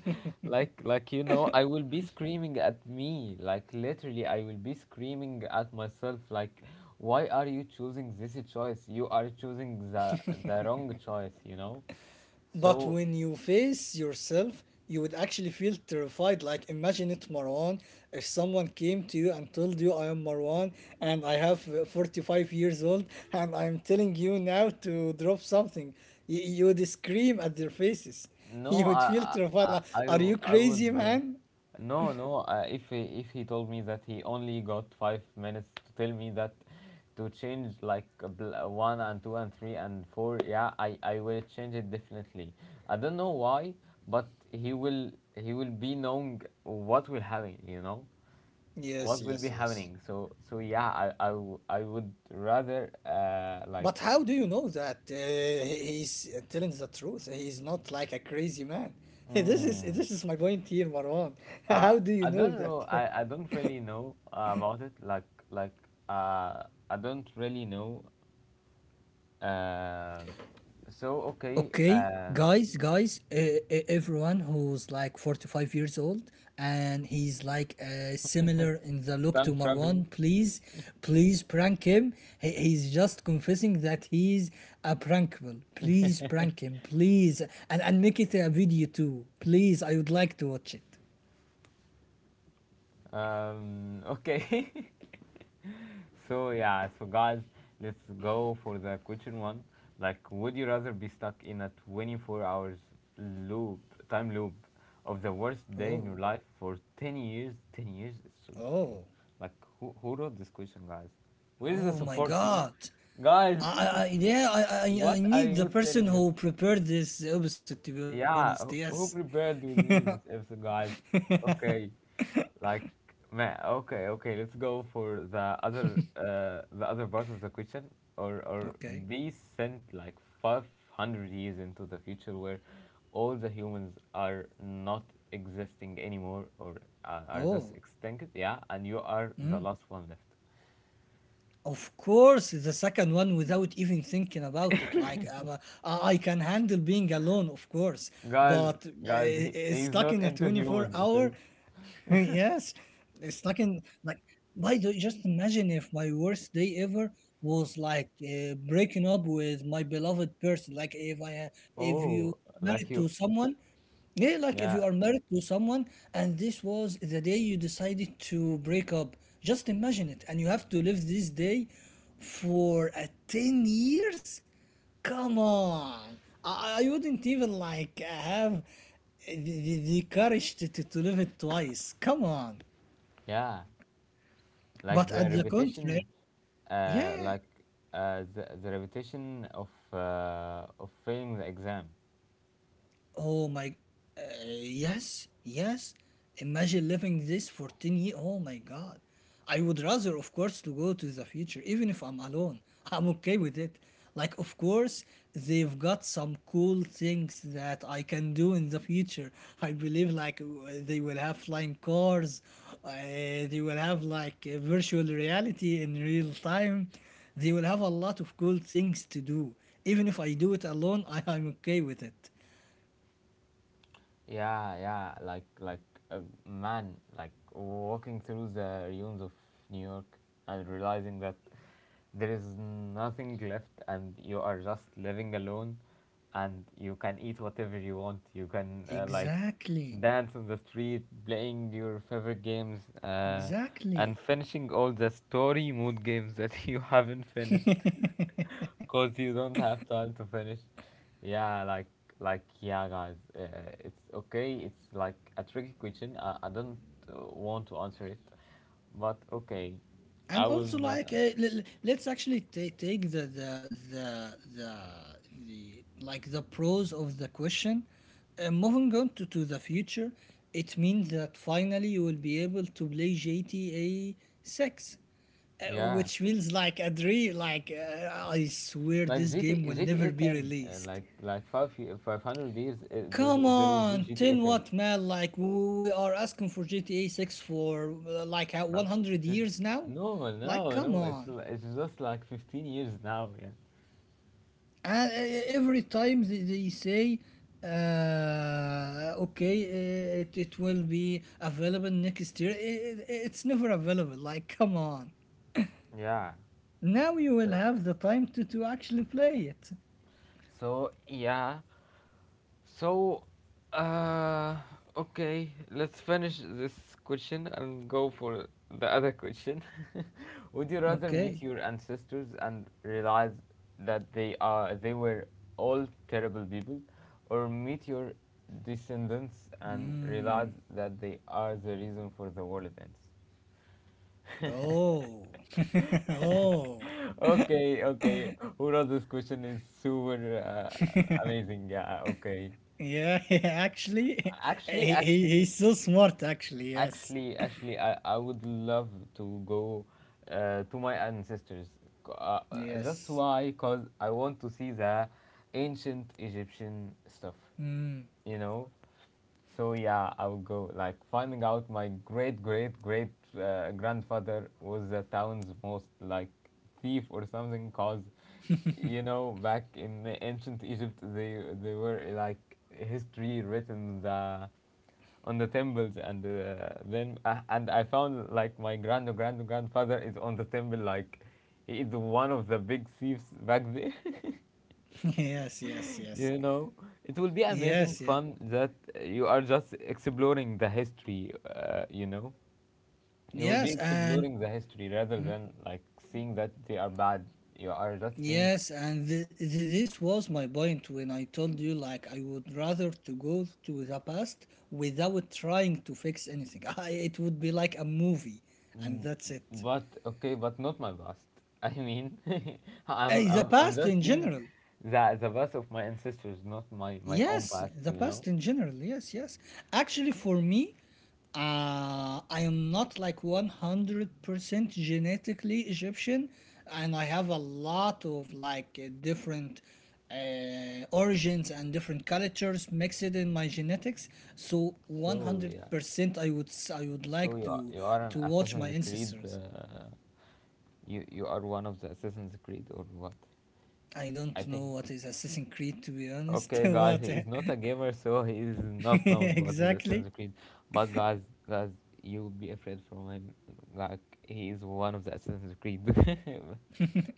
You know, I will be screaming at me. Like literally, I will be screaming at myself. Like, why are you choosing this choice? You are choosing the wrong choice, you know. But So when you face yourself, you would actually feel terrified. Like, imagine it, Marwan. If someone came to you and told you, I am Marwan and I have 45 years old, and I'm telling you now to drop something, you would scream at their faces. <laughs> You no, would feel terrified. Like, are you I crazy, would man? no no. If he told me that he only got 5 minutes to tell me that to change like one and two and three and four, yeah, I will change it definitely. I don't know why, but he will be knowing what will happen, you know. What Yes, will be yes, yes. happening, yeah I would But rather how do you know that like he- he's telling the truth? He's not like a crazy man. <laughs> This is my mm, point here, Marwan. <laughs> How do you uh, know I that? don't <laughs> know I don't really know about it like uh I don't really know um so okay Okay, guys, everyone who's like 45 years old and he's like similar in the look to time traveling Marwan, please, please prank him. He's just confessing that he's a prankable. Please <laughs> prank him, please. And make it a video too. Please, I would like to watch it. Okay. <laughs> So yeah, so guys, let's go for the question one. Like, would you rather be stuck in a 24 hours loop, time loop, of the worst Oh, day in your life for 10 years? 10 years? It's so, oh, like, who wrote this question, guys? Where is the oh my support team? god. Guys, <laughs> I yeah, I what are need the you person telling us? who prepared this episode, to be honest. Yeah, Yes. who prepared with me this episode, guys? Okay, like man, okay, okay, let's go for the other part of the question or Okay. be sent like 500 years into the future where all the humans are not existing anymore or are Oh, just extinct, yeah, and you are the last one left. of course, the second one, without even thinking about it. Like I can handle being alone, of course, Guys, but guys, he's stuck not in a into twenty-four humans hour, itself. <laughs> yes, stuck in like. By the, just imagine if my worst day ever was like breaking up with my beloved person. Like if I if you Oh, married like to you, someone, yeah, like if you yeah, are married to someone and this was the day you decided to break up, just imagine it. And you have to live this day for 10 years? Come on. I wouldn't even like have the courage to, to live it twice. Come on. yeah. Like But the at the contrary, repetition uh, yeah. like the repetition of failing the exam. Oh my, uh, yes, yes. Imagine living this for 10 years. Oh my God. I would rather, of course, to go to the future, even if I'm alone. I'm okay with it. Like, of course, they've got some cool things that I can do in the future. I believe, like, they will have flying cars, they will have, like, virtual reality in real time. They will have a lot of cool things to do. Even if I do it alone, I'm okay with it. Yeah, yeah, uh, man, like walking through the ruins of New York and realizing that there is nothing left and you are just living alone and you can eat whatever you want. You can like Exactly. dance on the street, playing your favorite games and Exactly. finishing all the story mode games that <laughs> you haven't <laughs> finished. Cause you don't have time to finish. Yeah, yeah, guys. It's okay. It's like a tricky question. I don't want to answer it, but okay, And I will also not. like let's actually ta take the the the like the pros of the question, moving on to the future. It means that finally you will be able to play gta 6, Yeah, which feels like a dream, like I swear like this game will GTA never be 10. Released. Like five five hundred years. Come There will be on, GTA 10 10. what, man? Like we are asking for GTA 6 for like Like 100 fif- years now? Like come no. On. It's just like 15 years now. Yeah. And every time they say okay, it will be available next year. It's never available. Like come on. Yeah. Now you will So have the time to actually play it. so yeah. So, uh, okay, let's finish this question and go for the other question. <laughs> Would you rather Okay. meet your ancestors and realize that they were all terrible people, or meet your descendants and Mm. realize that they are the reason for the world events? <laughs> Oh. <laughs> Oh. Okay, okay. Who wrote this question is super amazing. Yeah, okay. Yeah, <laughs> actually, Actually, actually, he's so smart, actually, yes. Actually, I would love to go to my ancestors. Just Yes. why? Because I want to see the ancient Egyptian stuff, Mm. you know? So, yeah, I would go. Like, finding out my great, great, great grandfather was the town's most, like, thief or something, because, you know, back in the ancient Egypt, they were, like, history written the on the temples and then and I found like my grandfather is on the temple like he is one of the big thieves back there. <laughs> Yes, yes, <laughs> yes. You know it will be amazing Yes, yeah. fun that you are just exploring the history. You know you will be Yes, and exploring the history rather than like seeing that they are bad. You are just seeing. yes, and this was my point when I told you like I would rather to go to the past without trying to fix anything. <laughs> I, it would be like a movie, and Mm, that's it. but okay, but not my past. I mean, <laughs> Eh, the I'm past just in seeing general. the past of my ancestors, not my own Yes, past, the you know. past in general. Yes, yes. Actually, for me, I am not like 100% genetically Egyptian, and I have a lot of like different origins and different cultures mixed in my genetics. So So yeah, 100%, I would I would so like you are an to watch my Assassin's Creed. ancestors. You you are one of the Assassin's Creed or what? I I don't think know that. what is Assassin's Creed, to be honest, <laughs> Okay, guys, but he is not a gamer, so <laughs> he is not knowing what is <laughs> exactly. Assassin's Creed. But guys, guys, you'll be afraid from him. Like he is one of the Assassin's Creed.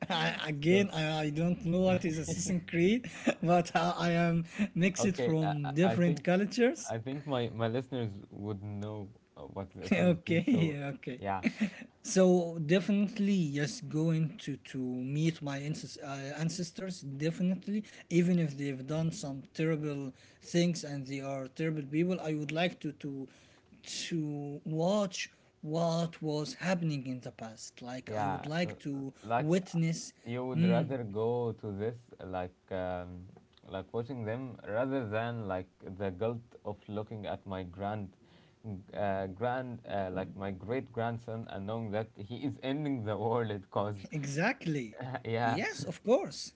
<laughs> So. again, I don't know what is Assassin's <laughs> Creed, <laughs> but I am mixed Okay, I from I different think cultures. I think my, my listeners would know what is <laughs> Assassin's Creed. Okay, So, yeah, okay. yeah, <laughs> So definitely, yes, going to meet my ancestors. Definitely, even if they've done some terrible things and they are terrible people, I would like to watch what was happening in the past. Like I would yeah, like to like witness, you would mm, rather go to this like um, like watching them rather than like the guilt of looking at my grand like my great grandson and knowing that he is ending the world because exactly. <laughs> yeah, Yes, of course.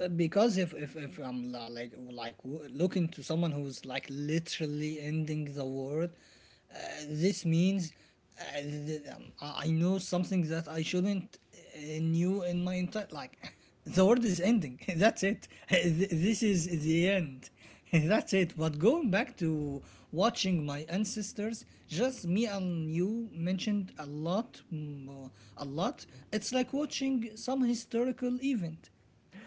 Because if I'm like looking to someone who's like literally ending the world, this means I know something that I shouldn't knew in my entire, like <laughs> the world is ending. <laughs> That's it. <laughs> This is the end. <laughs> That's it. But going back to watching my ancestors, just me and you mentioned a lot, mm, a lot. It's like watching some historical event.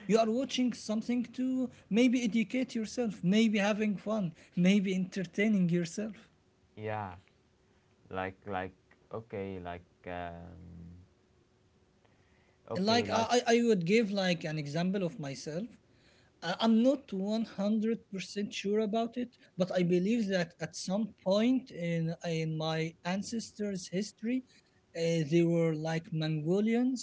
You are watching something to maybe educate yourself, maybe having fun, <laughs> maybe entertaining yourself, yeah, like like okay, okay, like like I would give like an example of myself. I- I'm not 100% sure about it, but I believe that at some point in my ancestors' history, they were like Mongolians.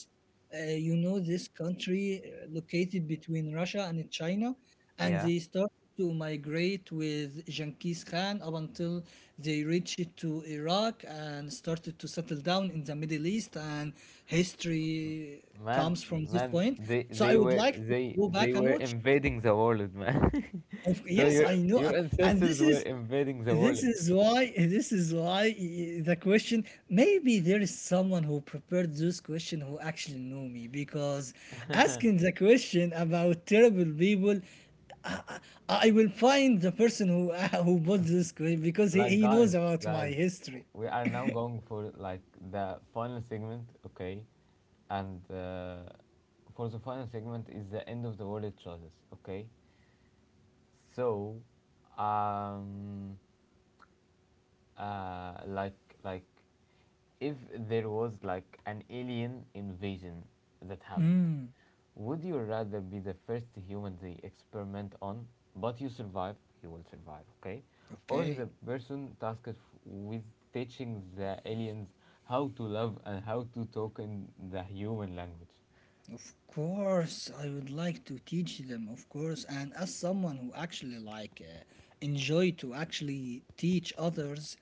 You know, this country located between Russia and China, and yeah. they started to migrate with Genghis Khan up until they reached to Iraq and started to settle down in the Middle East, and history Man, comes from this point. So I would like to go back they and were watch, invading the world, man. of <laughs> So yes, I know, your and this ancestors were is invading the world. This is why the question, maybe there is someone who prepared this question who actually know me, because asking the question about terrible people, I, I I will find the person who <laughs> who bought this question because Like he guys, knows about my guys, history. we are now going for like the final segment, okay? And for the final segment is the end of the world choices, okay? So, um, like like if there was like an alien invasion that happened, Mm, would you rather be the first human they experiment on but you survive? You will survive, okay, or okay. the person tasked with teaching the aliens how to love and how to talk in the human language? Of course, I would like to teach them, of course. And as someone who actually like enjoy to actually teach others,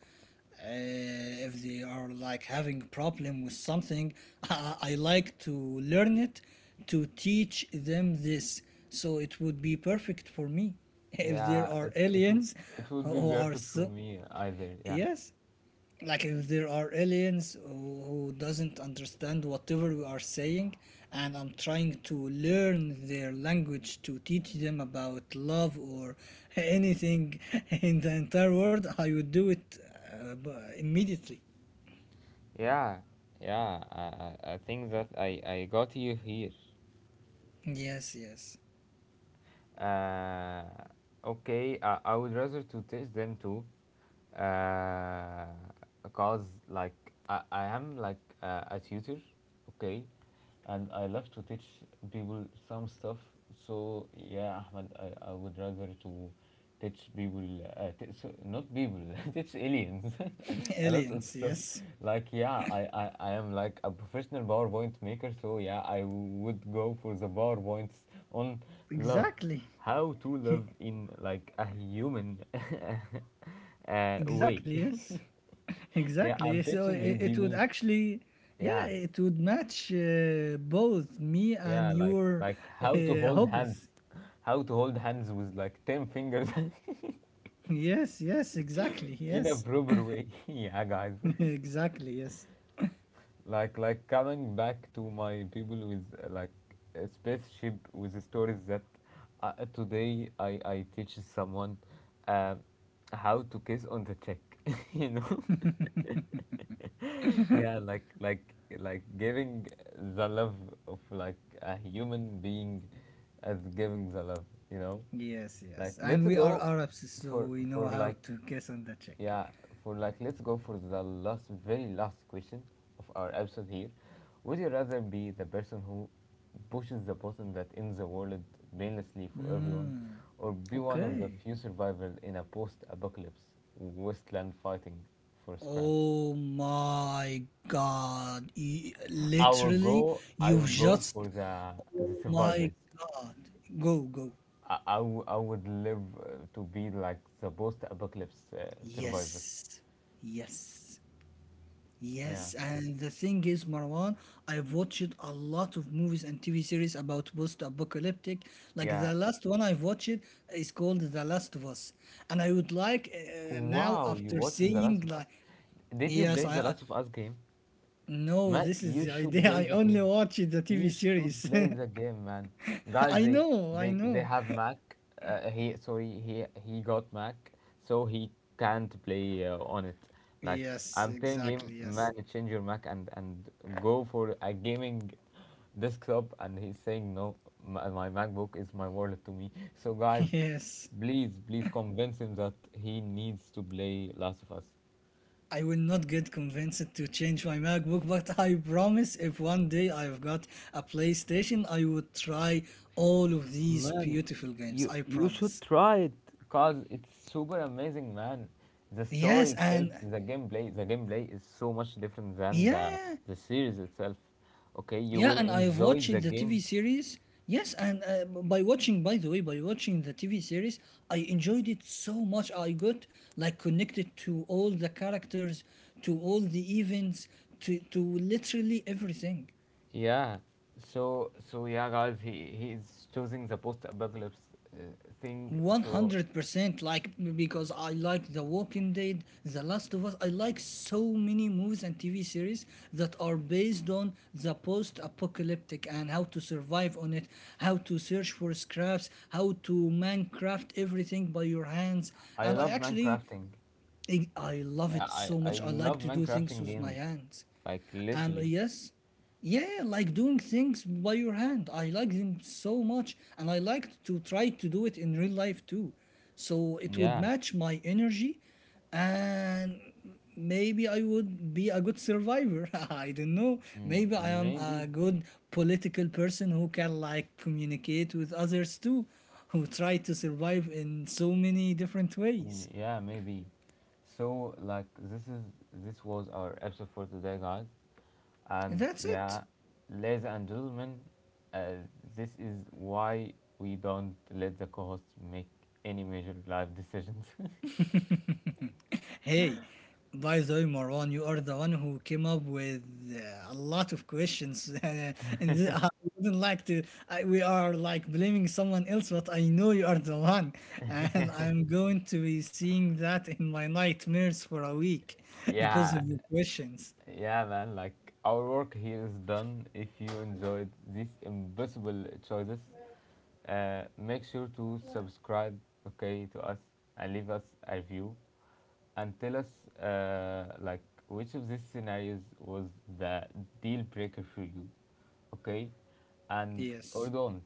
if they are like having problem with something, <laughs> I like to learn it to teach them this. So it would be perfect for me <laughs> if there Yeah are aliens it would be who are perfect for so, me either. Yeah, yes, like if there are aliens who doesn't understand whatever we are saying, and I'm trying to learn their language to teach them about love or anything, <laughs> in the entire world, I would do it immediately. yeah, yeah I think that I got you here. Yes, yes. Uh, okay, I would rather to taste them too, uh, cause like I am like a tutor, okay, and I love to teach people some stuff. So yeah, Ahmed, I would rather to teach people so not people <laughs> teach aliens <laughs> <laughs> a lot of Aliens, stuff. yes. Like yeah, I am like a professional PowerPoint maker, so yeah I would go for the PowerPoints on love, Exactly. how to love <laughs> in like a human <laughs> Exactly, way. yes. <laughs> Yeah, Exactly, I'm so teaching you it would people. actually, yeah, Yeah, it would match both me and yeah, your, how to hold hands, hobbies. how to hold hands with like ten fingers Yes, yes, exactly. <laughs> in a Yes, proper way. <laughs> Yeah, guys. <laughs> exactly. Yes, <laughs> coming back to my people with like a spaceship with the stories that today I teach someone uh, how to kiss on the cheek. <laughs> You know. <laughs> Yeah giving the love of like a human being as giving the love, you know. yes, Like yes. And let's we are go Arabs, so we know for how like to guess on the check. yeah, for like let's go for the last very last question of our episode here. Would you rather be the person who pushes the button that ends the world painlessly for everyone Mm, or be one of the okay. few survivors in a post-apocalypse wasteland fighting for scraps? Oh my God. Literally, I will you've go just. for the Oh my survivors. God. Go, go. I would live to be like the post-apocalypse survivor. Yes, yes. Yeah, Yes, and the thing is, Marwan, I've watched a lot of movies and TV series about post-apocalyptic. Like yeah. the last one I've watched is called The Last of Us, and I would like now Wow, you after watched The seeing Last of Us? like Did you yes, play The I Last of Us game? no, Man, this is you the should idea. <laughs> play I the only game. watched the You TV should series. <laughs> play the game, man. Guys, I know, I they know. have Mac. He Sorry, he got Mac, so he can't play on it. Like Yes, I'm telling him, exactly. Yes, man, change your Mac and go for a gaming desktop, and he's saying no. My MacBook is my wallet to me. So guys, <laughs> yes. Please convince him that he needs to play Last of Us. I will not get convinced to change my MacBook, but I promise if one day I've got a PlayStation, I would try all of these Man, beautiful games. I you should promise. try it because it's super amazing, man. The story Yes, itself, and the gameplay is so much different than yeah, yeah, the series itself. Okay, you yeah, will and I've enjoy the watched the TV game. series. Yes, and by watching, by the way, by watching the TV series, I enjoyed it so much. I got like connected to all the characters, to all the events, to literally everything. Yeah. Yeah, guys, he is choosing the post-apocalypse uh, thing. So 100%, like because I like the walking dead, the last of us, I like so many movies and tv series that are based on the post-apocalyptic and how to survive on it, how to search for scraps, how to mancraft everything by your hands. I And I love actually, Minecrafting. I love Yeah, it so I much, I like love to do things Minecrafting with my games, hands. like And literally. yes, yeah, like doing things by your hand. I like them so much, and I liked to try to do it in real life too. So it would Yeah. match my energy, and maybe I would be a good survivor. <laughs> I don't know. Mm, Maybe I am a maybe. good political person who can like communicate with others too, who try to survive in so many different Mm, ways. yeah, maybe. So like this is this was our episode for today, guys. And That's it. yeah, ladies and gentlemen, uh, this is why we don't let the co-hosts make any major life decisions. Hey, by the way, Marwan, you are the one who came up with a lot of questions, <laughs> and I wouldn't like to. I, we are like blaming someone else, but I know you are the one, <laughs> and I'm going to be seeing that in my nightmares for a week <laughs> <laughs> because Yeah, of your questions. yeah, man, like our work here is done. If you enjoyed these impossible choices, make sure to subscribe, okay, to us and leave us a review and tell us like which of these scenarios was the deal breaker for you, okay, and or Yes, don't.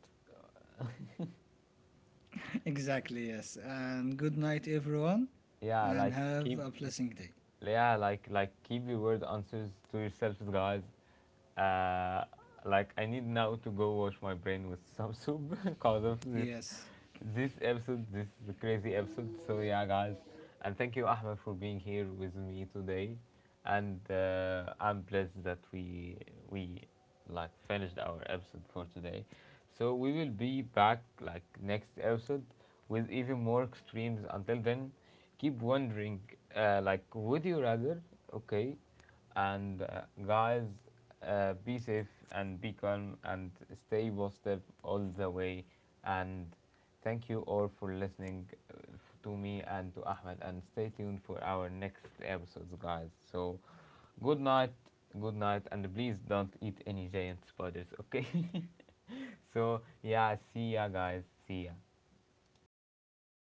exactly. Yes, and good night, everyone, Yeah, and like have keep a blessing day. yeah like keep your word answers to yourselves, guys. uh I need now to go wash my brain with some soup <laughs> because of Yes. this episode, this crazy episode. So yeah guys, and thank you Ahmed for being here with me today, and I'm blessed that we like finished our episode for today. So we will be back like next episode with even more extremes. Until then, keep wondering, like, would you rather? Okay, and guys, be safe and be calm and stay positive all the way. And thank you all for listening to me and to Ahmed. And stay tuned for our next episodes, guys. So, good night, good night, and please don't eat any giant spiders, okay? <laughs> So, yeah, see ya, guys. See ya.